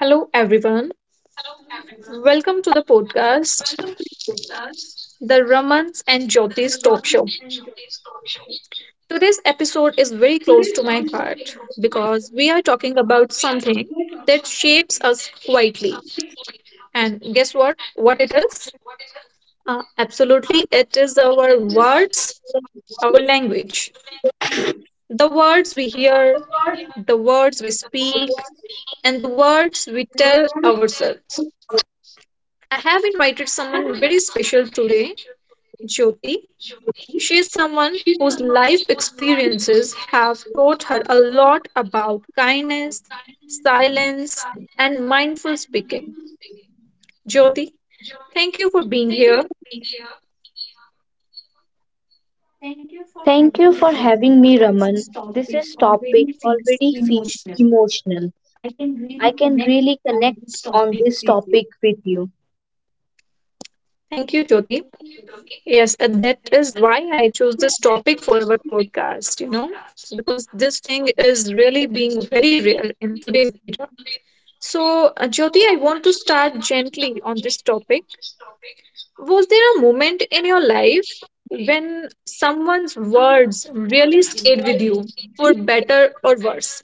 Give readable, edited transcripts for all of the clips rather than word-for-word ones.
Hello, everyone. Welcome to the podcast, the Ramans and Jyoti's talk show. Today's episode is very close to my heart because we are talking about something that shapes us quietly. And guess what? What it is? Absolutely, it is our words, our language. The words we hear, the words we speak, and the words we tell ourselves. I have invited someone very special today, Jyoti. She is someone whose life experiences have taught her a lot about kindness, silence, and mindful speaking. Jyoti, thank you for being here. Thank you for having me, Raman. This is topic already feels emotional. I can really connect on this topic with you. Thank you, Jyoti. Yes, and that is why I chose this topic for our podcast, because this thing is really being very rare in today's era. So, Jyoti, I want to start gently on this topic. Was there a moment in your life when someone's words really stayed with you for better or worse?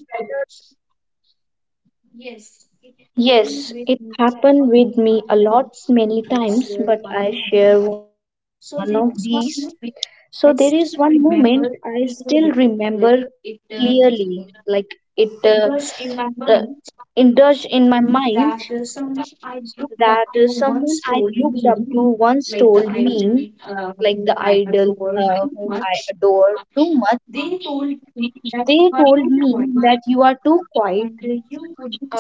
Yes, it happened with me a lot many times, but I share one of these. So there is one moment I still remember clearly, like it uh, indulged in my mind. That someone I looked up to once told me, like the idol whom I adore too much, they told me that you are too quiet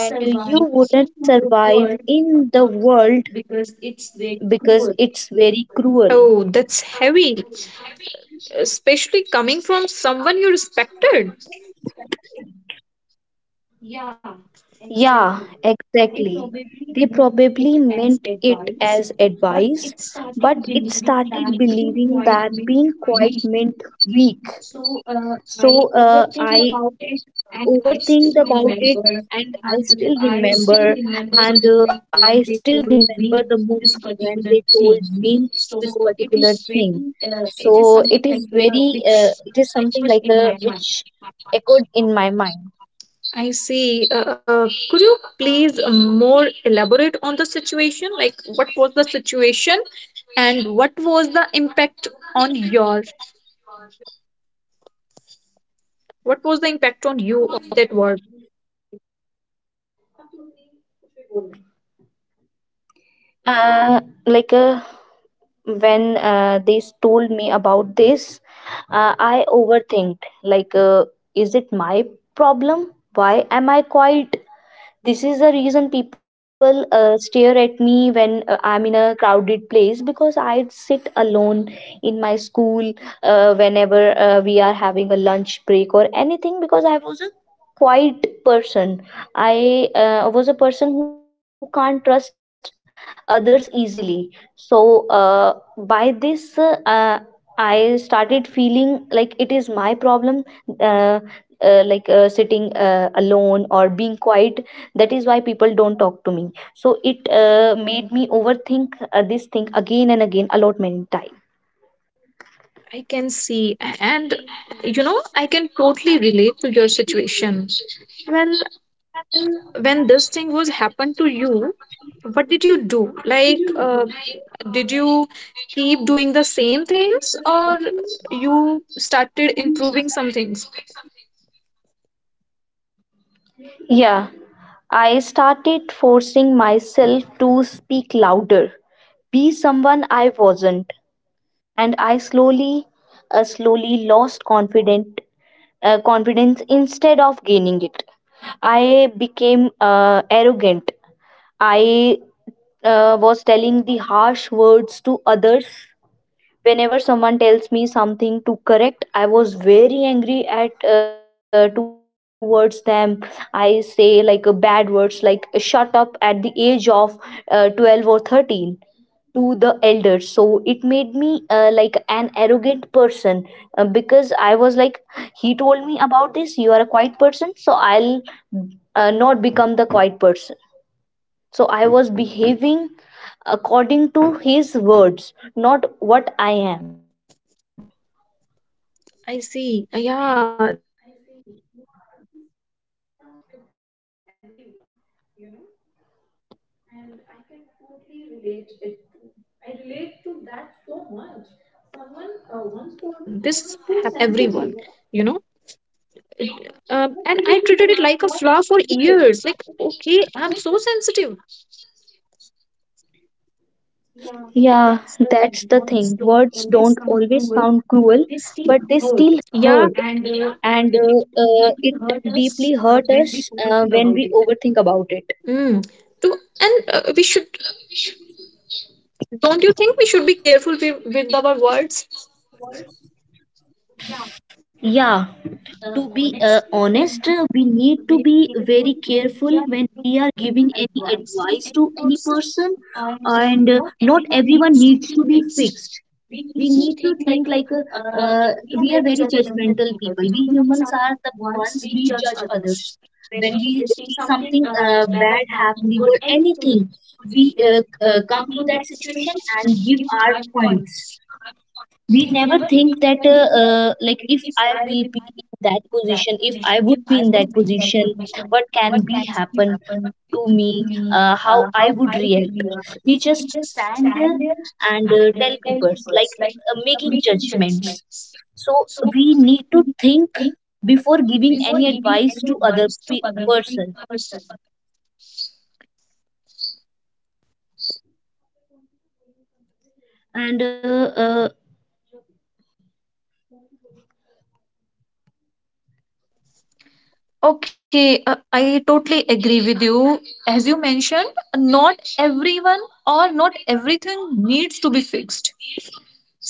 and you wouldn't survive in the world because it's very cruel. Oh, that's heavy, especially coming from someone you respected. Yeah, exactly. They probably meant it as advice, but it started believing that being quiet meant weak. So I overthink about it, and I still remember, and I still remember the moment when they told me this particular thing. So it is something like a which echoed in my mind. I see. Could you please more elaborate on the situation? Like, what was the situation and what was the impact on yours? What was the impact on you of that word? Uh, like uh, when they told me about this, I overthinked. Is it my problem? Why am I quiet? This is the reason people stare at me when I'm in a crowded place because I sit alone in my school. Whenever we are having a lunch break or anything, because I was a quiet person, I was a person who can't trust others easily. so uh, by this, I started feeling like it is my problem. uh, Sitting alone or being quiet, that is why people don't talk to me. So it made me overthink this thing again and again a lot many times. I can see, and I can totally relate to your situation. Well, when this thing was happened to you, what did you do? Like, did you keep doing the same things, or you started improving some things? Yeah, I started forcing myself to speak louder, be someone I wasn't, and I slowly lost confident confidence instead of gaining it. I became arrogant. I was telling the harsh words to others. Whenever someone tells me something to correct, I was very angry at towards them. I say like bad words like shut up at the age of 12 or 13 to the elders. So it made me like an arrogant person, because I was like, he told me about this, you are a quiet person, so I'll not become the quiet person. So I was behaving according to his words, not what I am. I see. Yeah, this happens with everyone. You know. And I can totally relate it to. I relate to that so much. Someone once told me I was too sensitive, and I treated it like a flaw for years. Like, okay, I'm so sensitive. Yeah, that's the thing. Words don't always sound cruel, but they still Yeah. hurt. And it deeply hurt us when we overthink about it. Mm. To, and we should, don't you think we should be careful with our words? Yeah, to be honest, we need to be very careful when we are giving any advice to any person, and not everyone needs to be fixed. We need to think like we are very judgmental people. We humans are the ones we judge others. When we see something bad happening or anything, we come to that situation and give our points. We never think that if I will be in that position, if I would be in that position, what can be happen to me, how I would react. We just stand there and tell people, like, making judgments. So we need to think before giving any advice to other person, and uh, Okay, I totally agree with you. As you mentioned, not everyone or not everything needs to be fixed.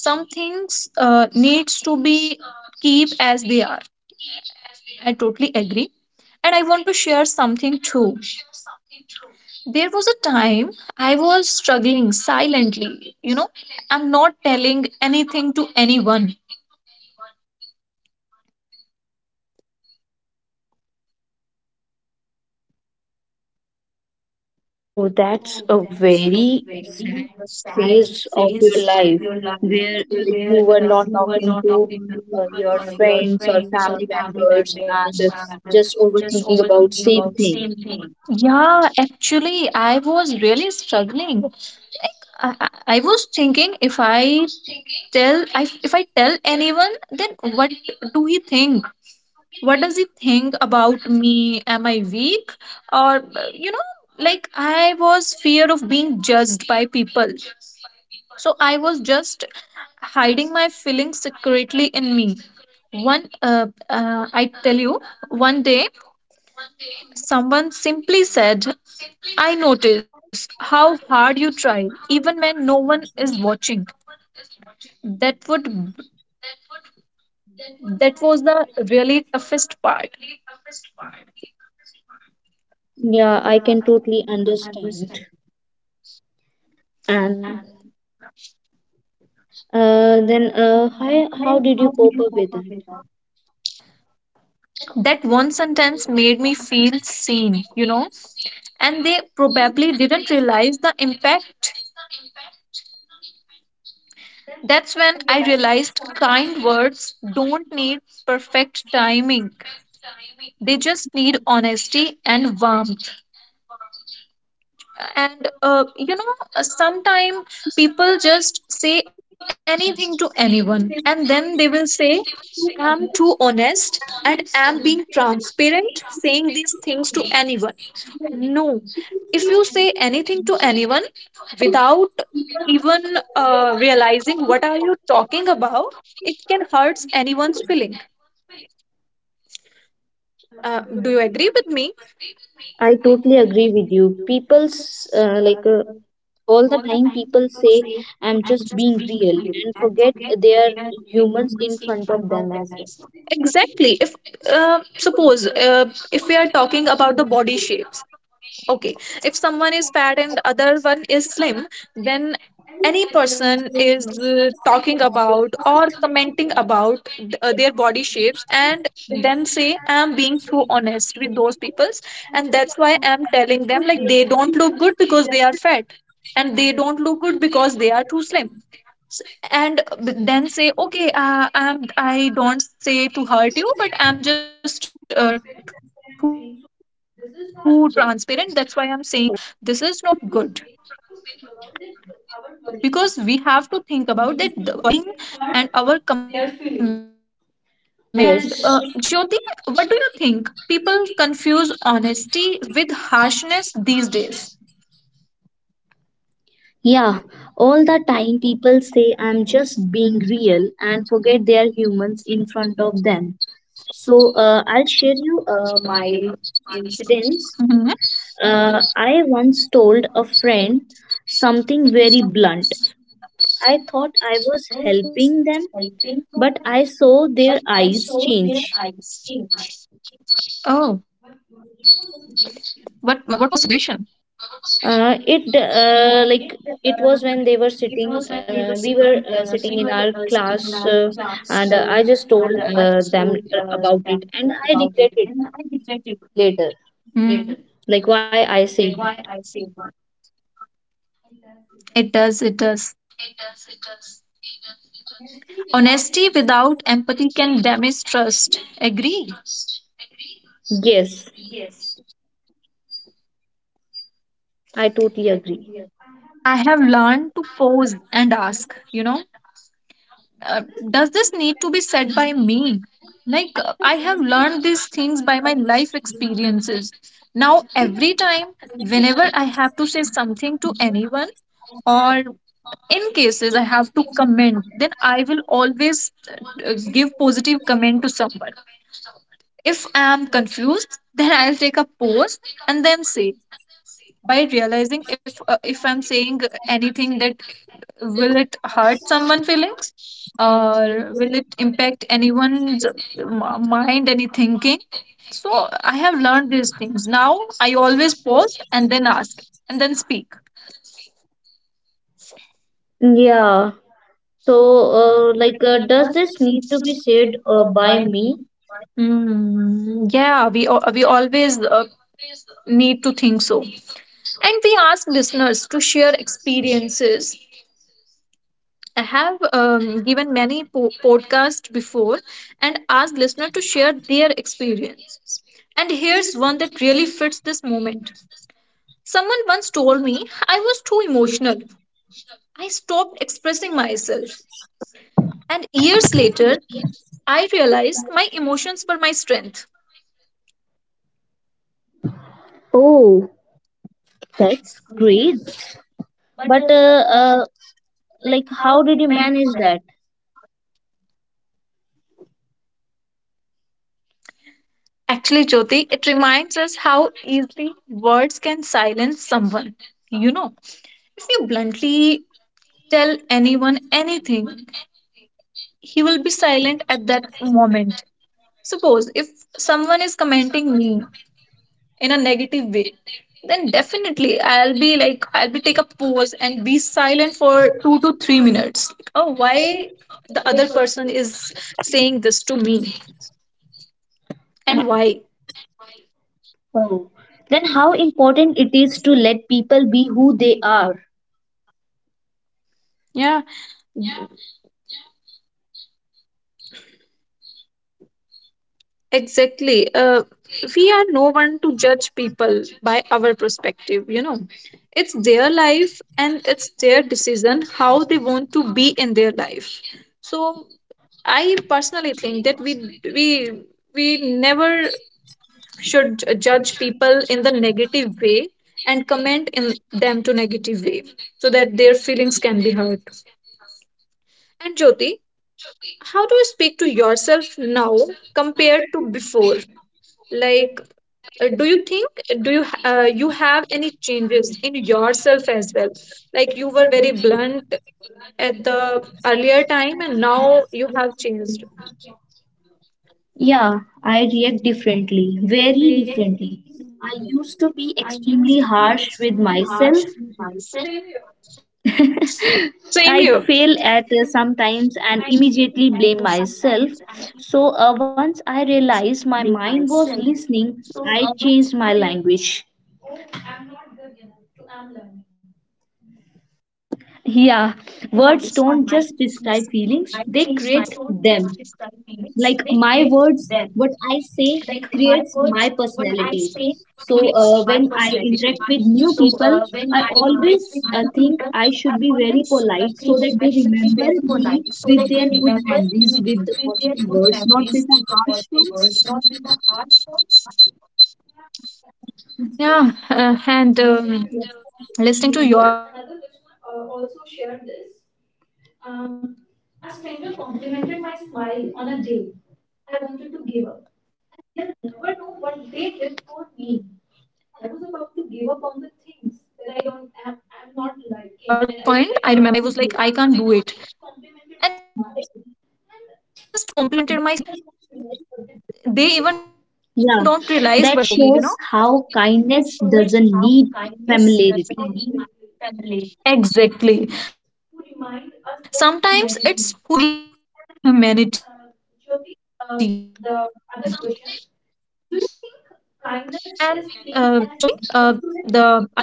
Some things needs to be keep as they are. I totally agree, and I want to share something too. There was a time I was struggling silently, I'm not telling anything to anyone. Oh, that's a very sad phase of your life where you were not talking to your friends or family members, and just overthinking about same thing. Yeah, actually I was really struggling. I, I I was thinking if I tell if I tell anyone, then do he think what does he think about me? Am I weak, or like I was fear of being judged by people? So I was just hiding my feelings secretly in me. One I tell you, one day someone simply said, I notice how hard you try even when no one is watching. that would that was the really toughest part. Yeah, I can totally understand. And then how did you cope up with that? That one sentence made me feel seen, and they probably didn't realize the impact. That's when I realized kind words don't need perfect timing, they just need honesty and warmth. And sometimes people just say anything to anyone, and then they will say, I'm too honest and am being transparent saying these things to anyone. No. If you say anything to anyone without even realizing what are you talking about, it can hurts anyone's feeling. Do you agree with me? I totally agree with you. People's like All the time people say I'm just being real and forget they are humans in front of them as well. Exactly. If suppose if we are talking about the body shapes. Okay, if someone is fat and other one is slim, then any person is talking about or commenting about their body shapes, and then say I'm being too honest with those peoples, and that's why I'm telling them like they don't look good because they are fat, and they don't look good because they are too slim. S- and then say, okay, I don't say to hurt you, but I'm just too transparent, that's why I'm saying so. This is not good because we have to think about that our wording and our commenting can hurt their feelings. And Yes. Jyoti, what do you think? People confuse honesty with harshness these days. Yeah, all the time people say I'm just being real and forget they are humans in front of them. So I'll share you my incidents. Mhm. I once told a friend something very blunt. I thought I was helping them, but I saw their eyes change. Oh, what was the situation? Uh, it uh, like it was when they were sitting. We were sitting in our class, and I just told them about it, and I regret it later. Hmm. Like why I said that. It does. Honesty without empathy can damage trust, agree? Yes, I totally agree. I have learned to pause and ask, uh, does this need to be said by me? Like, I have learned these things by my life experiences. Now, every time, whenever I have to say something to anyone, or in cases I have to comment, then I will always give positive comment to someone. If I am confused, then I'll take a pause and then say, by realizing if I'm saying anything that will it hurt someone feelings, or will it impact anyone's mind any thinking. So I have learned these things now. I always pause and then ask and then speak. Yeah. So, does this need to be said by me? Mm, yeah, we always need to think so, and we ask listeners to share experiences. I have given many podcasts before and asked listeners to share their experiences. And here's one that really fits this moment. Someone once told me I was too emotional. I stopped expressing myself. And years later, I realized my emotions were my strength. Oh, that's great. But like, how did you manage that? Actually, Jyoti, it reminds us how easily words can silence someone. You know, if you bluntly tell anyone anything, he will be silent at that moment. Suppose if someone is commenting me in a negative way, then definitely I'll be like, I'll be take a pause and be silent for 2 to 3 minutes. Like, oh, why the other person is saying this to me, and why? Oh. Then how important it is to let people be who they are. Yeah, exactly. We are no one to judge people by our perspective. It's their life and it's their decision how they want to be in their life. So I personally think that we never should judge people in the negative way and comment in them to negative way, so that their feelings can be hurt. And Jyoti, how do you speak to yourself now compared to before? Like, do you think you have any changes in yourself as well, like you were very blunt at the earlier time and now you have changed? Yeah, I react differently, very differently. I used to be extremely harsh with myself. Same here. I'd fail at sometimes and immediately blame myself. So once I realized my mind was listening, I changed my language. Oh, I'm not good enough to I'm learning. Yeah, words don't just describe feelings, they create them. Like my words, what I say, creates my personality. So when I interact with new people, I always think I should be very polite so that they remember me with their good memories, with the positive words, not with the harsh ones. Yeah, and listening to your point, I remember another listener also shared this. Um, a stranger complimented my smile on a day I wanted to give up, and they'll never know what they did for me. I was about to give up on the things that I don't am not liking, and I was like, I can't do it. And they just complimented my smile, and they even don't realize what they did for me, you know? Yeah, that shows how kindness doesn't need familiarity. Exactly. Sometimes it's strangers who remind us of humanity. And Jyoti, the other question: do you think kindness is seen as weakness today?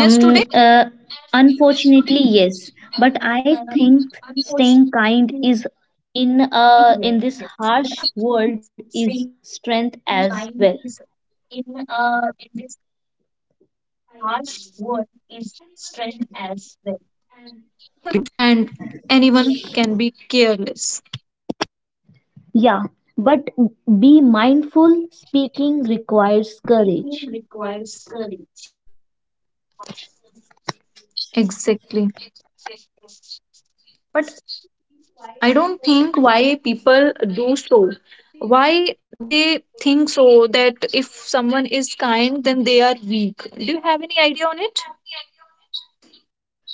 Um, uh, Unfortunately, yes. But I think staying kind is in this harsh world is strength as well. I agree. Anyone can be rude, and anyone can be careless. Yeah, but be mindful. Speaking requires courage. Exactly. I don't think why people do so. Why they think so that if someone is kind, then they are weak. Do you have any idea on it?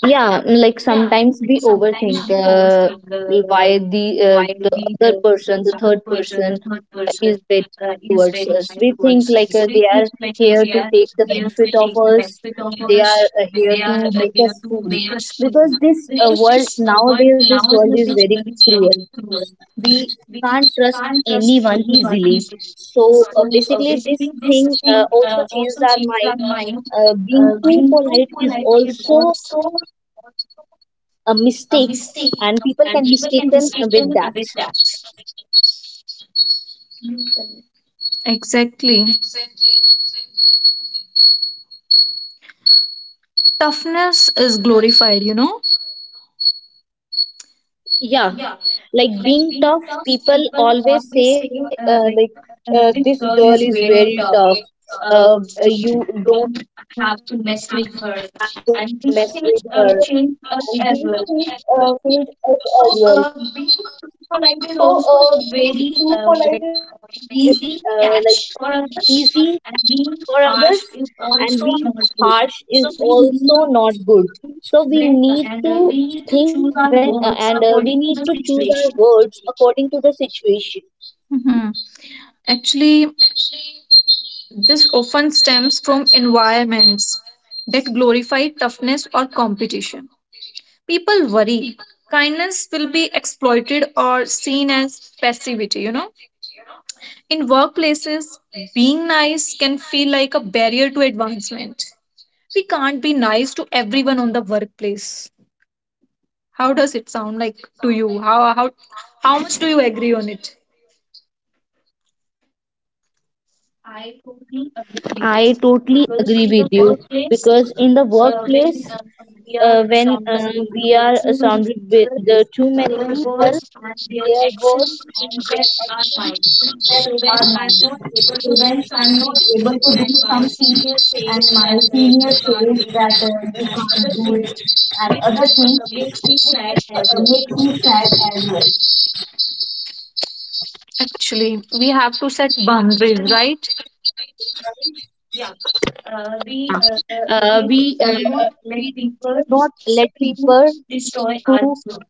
Yeah, like sometimes we overthink, why the other person, the third person is better towards us. We think like they are here to take the benefit of us, they are here to make us fool, because this world nowadays, this world is very cruel. We can't trust anyone easily. So basically this thing also changed our mind. Being too polite is also a mistake, and people can mistaken with that. Exactly. Toughness is glorified, you know? Yeah, like being tough, people always say this girl is very tough. You don't have to mess with her, and these things change us as well. So being too polite is also a very easy for others, and being harsh is also not good. So we need to think, when and we need to choose our words according to the situation. Mhm. Actually, this often stems from environments that glorify toughness or competition. People worry kindness will be exploited or seen as passivity, you know? In workplaces, being nice can feel like a barrier to advancement. We can't be nice to everyone on the workplace. How does it sound like to you? How much do you agree on it? I totally agree with you, because in the workplace when we are surrounded with the too many people, their words. Actually, we have to set boundaries, right? uh, we uh, we do not let people to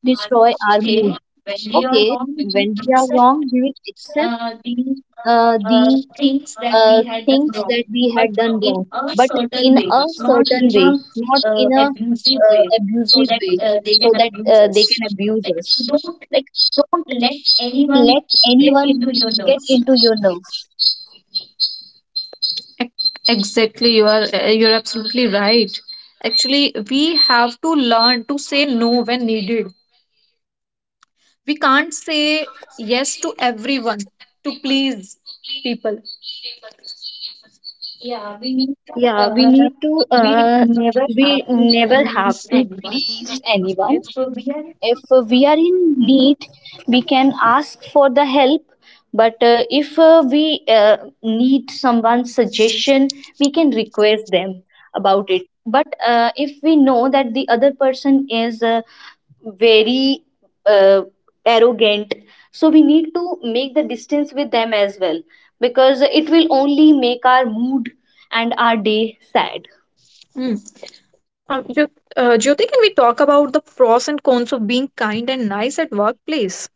destroy our mood. Okay, when we are wrong, we will accept the things that we had done wrong, but in a certain way, not in a abusive way, so that they can abuse us. Like, don't let anyone get into your nerves. Exactly, you're absolutely right. Actually, we have to learn to say no when needed. We can't say yes to everyone to please people. Yeah, we need to. We never have to please anyone. If we are in need, we can ask for the help. But if we need someone's suggestion, we can request them about it. But if we know that the other person is very uh, arrogant, so we need to make the distance with them as well, because it will only make our mood and our day sad. Um, Jyot, Jyoti, can we talk about the pros and cons of being kind and nice at workplace?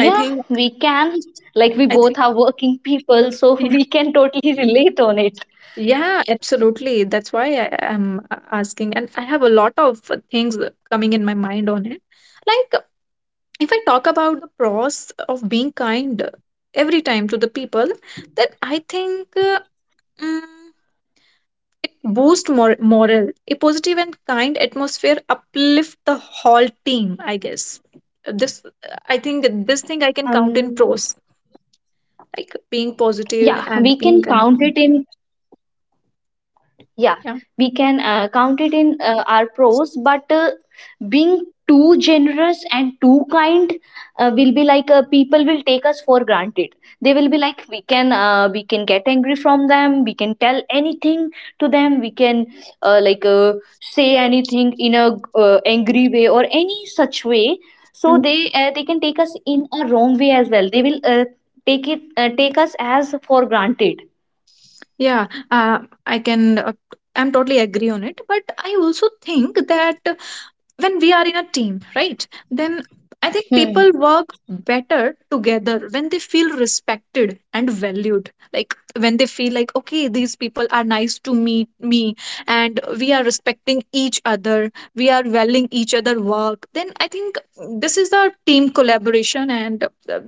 I think, we can. Like, we I think, both are working people, so yeah, we can totally relate on it. yeah, absolutely. That's why I am asking, and I have a lot of things coming in my mind on it. Like, if I talk about the pros of being kind every time to the people, then I think. Mm, It boosts morale. A positive and kind atmosphere uplift the whole team, I guess. This, I think that this thing I can count in Um, pros, like being positive yeah, and we being can count kind. it in. Yeah, Yeah. we can count it in our pros, but being too generous and too kind will be like people will take us for granted. They will be like, we can get angry from them, we can tell anything to them, we can uh, like uh, say anything in a angry way or any such way. Mm, So they can take us in a wrong way as well, they will take us as for granted. yeah, I can. I'm totally agree on it, but I also think that when we are in a team, right? Then I think people Hmm. work better together when they feel respected and valued, like when they feel like, okay, these people are nice to meet me, and we are respecting each other, we are valuing each other work, then I think this is our team collaboration, and uh,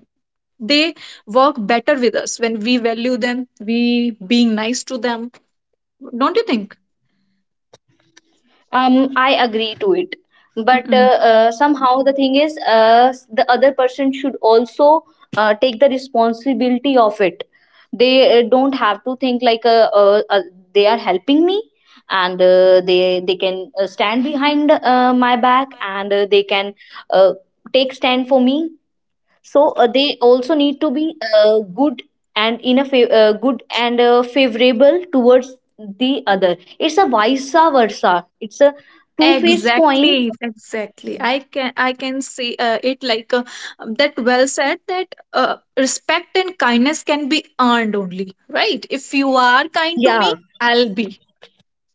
they work better with us when we value them, we being nice to them, don't you think? Um, I agree to it, but somehow the thing is the other person should also take the responsibility of it. They don't have to think like they are helping me and they can stand behind my back, and they can uh, take stand for me. So they also need to be good and in a good and favorable towards the other. It's a vice versa, it's a two-faced coin. Exactly, exactly. I can see it like that. Well said. That respect and kindness can be earned only, right? If you are kind to me, Yeah. I'll be.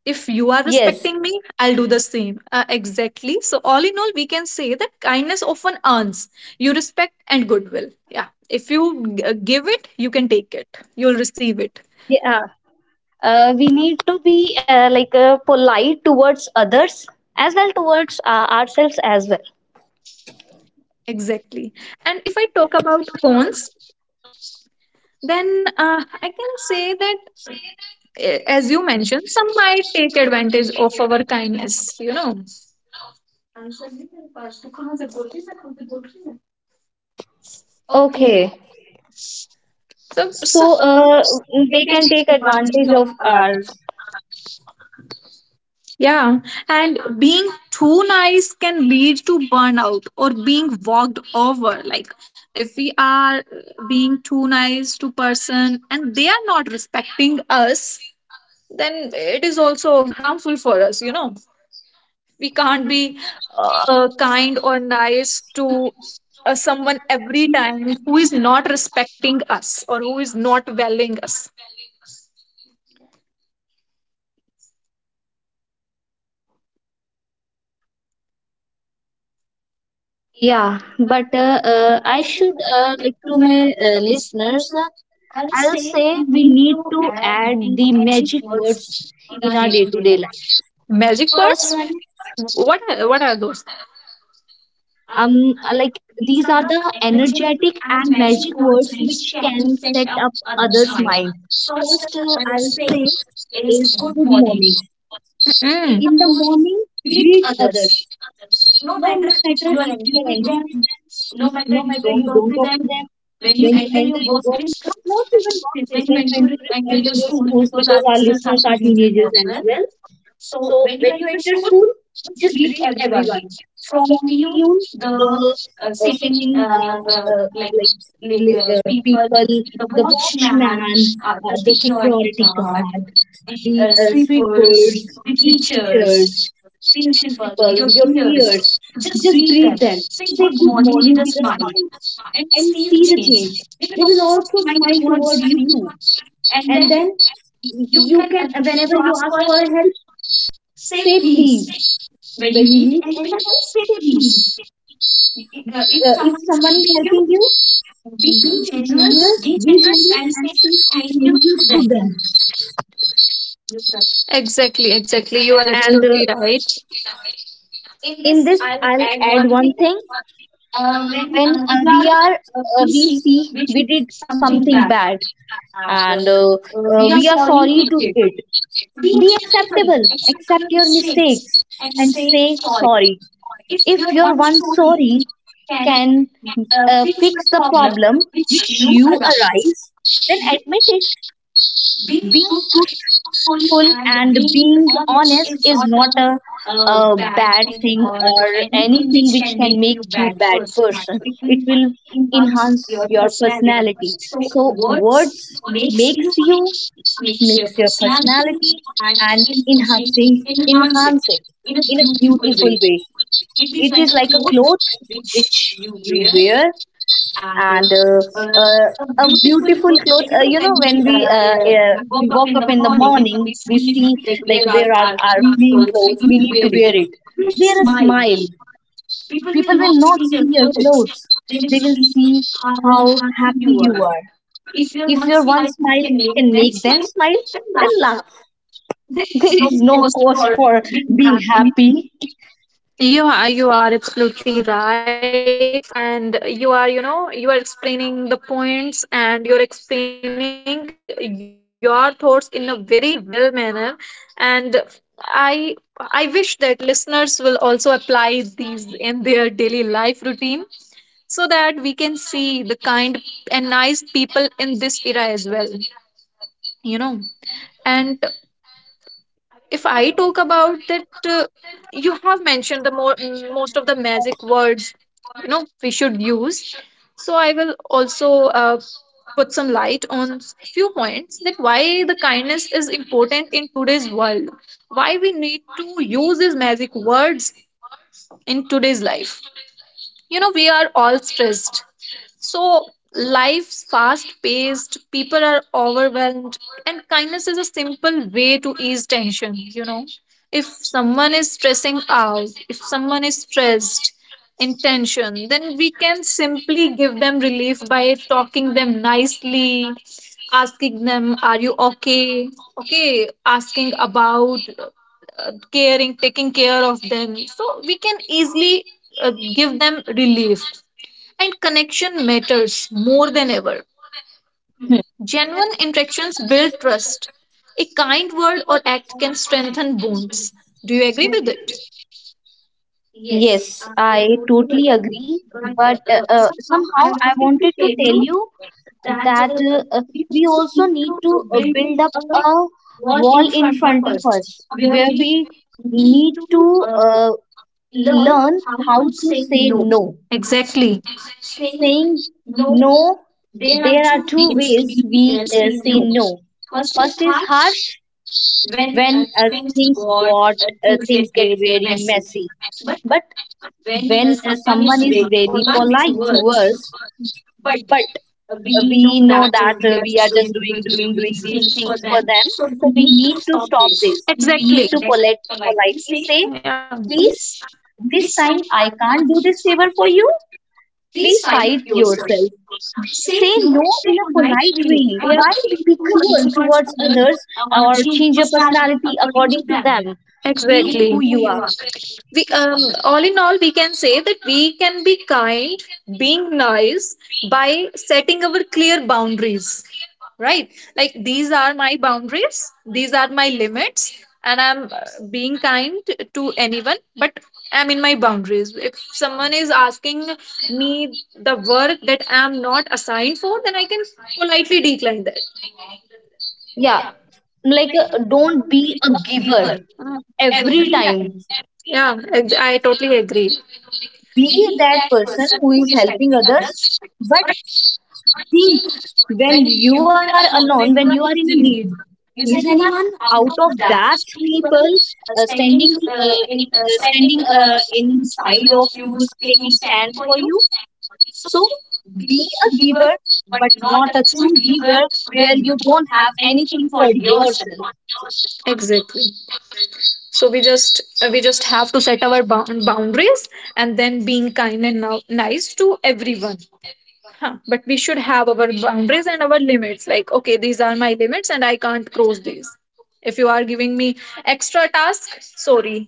If you are Yes. respecting me, I'll do the same. Exactly. So all in all, we can say that kindness often earns you respect and goodwill. Yeah. If give it, you can take it. You'll receive it. Yeah, we need to be polite towards others as well, towards ourselves as well. Exactly. And if I talk about cons, then I can say that as you mentioned, some might take advantage of our kindness. Okay, So, so so- they can take advantage of ours. yeah, and being too nice can lead to burnout or being walked over. Like if we are being too nice to person and they are not respecting us, then it is also harmful for us. We can't be kind or nice to someone every time who is not respecting us or who is not valuing us. Yeah, but I should, to my listeners, I'll say we need to add the magic words in our day-to-day life. Magic First words? one, What are those? These are the energetic and magic words which can set up others' mind. First, I'll say is good morning. Mm, In the morning, greet others. No matter if you are angry with them, no matter you don't talk to them, when you enter your workplace, not even workplace, when you enter, enter your schools, because our listeners are teenagers as well. So when you enter school, just greet everyone. From PU, the second people, the watchman, the security guard, the sweepers, the teachers, principal, your peers. Just greet them. Say good morning with a smile and see the change. They will also smile towards you. And then whenever you ask for help, say please. When you need any help, say please. If someone is helping you, be be generous, and say thank you to them. exactly, you are And absolutely right. in this, I'll add one thing. When we are we see we did something bad and we are sorry to it, be acceptable, accept your mistakes and say sorry. If your one sorry can fix the problem which you arise, then admit it. Being truthful and being honest is not a bad thing or anything which can make you bad person. It will enhance your personality. So words makes you makes your personality, and enhancing enhance it in a beautiful way. It is like a cloth which you wear. And uh, uh, a beautiful clothes. You know, when we woke up in the morning, we see like where are our clean clothes. We need to wear it. Wear a smile. People will not see your clothes. They will see how happy you are. If your one smile can make them smile, then laugh. There is no cost for being happy. You are absolutely right. And you are, you know, you are explaining the points and you're explaining your thoughts in a very well manner. And I wish that listeners will also apply these in their daily life routine so that we can see the kind and nice people in this era as well, you know. And if I talk about that, you have mentioned the most of the magic words you know we should use. So I will also put some light on few points that why the kindness is important in today's world. Why we need to use these magic words in today's life. You know we are all stressed, so life's fast paced, people are overwhelmed, and kindness is a simple way to ease tension. If someone is stressing out, if someone is stressed in tension, then we can simply give them relief by talking them nicely, asking them, are you okay? Okay, asking about caring, taking care of them. So we can easily give them relief, and connection matters more than ever. Genuine interactions build trust. A kind word or act can strengthen bonds. Do you agree with it? Yes, I totally agree. But somehow I wanted to tell you that we also need to build up a wall in front of us where we need to learn how to say no. Exactly. Saying no, there are two ways we say no. First is harsh, when things get very messy. But when someone is very polite to us, but we know that we are just doing these things for them, so we need to stop this. We need Exactly. to politely say, Yeah. please, this time I can't do this favor for you, please try it yourself. Say no in a polite way. Why to be cruel towards others or change your personality according to them? Be Exactly. who you We are. All in all, we can say that we can be kind, being nice by setting our clear boundaries. Right? Like these are my boundaries, these are my limits, and I'm being kind to anyone, but I'm in my boundaries. If someone is asking me the work that I'm not assigned for, then I can politely decline that. Yeah, like don't be a giver every time. Yeah, I totally agree. Be that person who is helping others, but think, when you are alone, when you are in a need, is anyone out of that people standing inside of you, taking stand for you? So be a giver, but not a true giver where you don't have anything for yourself. Exactly. So we just have to set our boundaries and then being kind and nice to everyone. Huh. But we should have our boundaries and our limits, like okay, these are my limits and I can't cross these. If you are giving me extra task, sorry,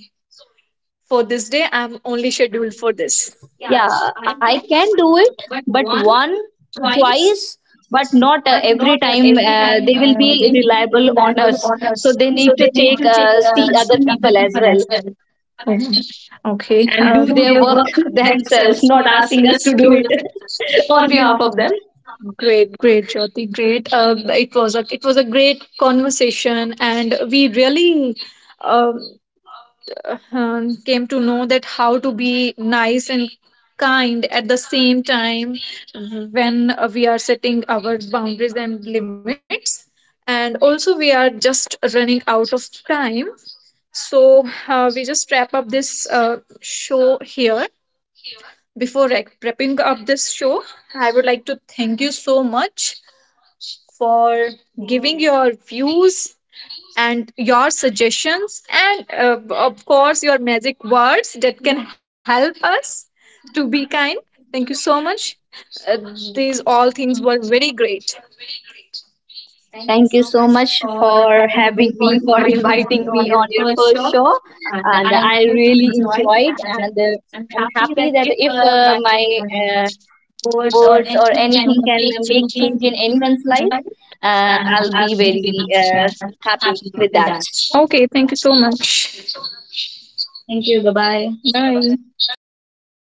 for this day I'm only scheduled for this. Yeah, I can do it, but one, twice, but not every time they will be reliable on us. So they need to take see other people as well Okay. And and do do their their work work themselves, themselves, not not asking asking us to us do to it do it on on behalf behalf of them. of them. Great, great, Jyoti, great. It was a it was a great conversation, and we really um, came to know that how to be nice and kind at the same time when we are setting our boundaries and limits. And also, we are just running out of time. So we just wrap up this show here. Before wrapping up this show, I would like to thank you so much for giving your views and your suggestions, and of course, your magic words that can help us to be kind. Thank you so much. Uh, these all things were very great. Thank you so much for having me, for inviting me on your first show. And I really enjoyed, and I'm happy that if my words or anything can make change in anyone's life, I'll be very happy with that. Okay, thank you so much. Thank you. Thank you. Bye-bye. Bye bye. Bye.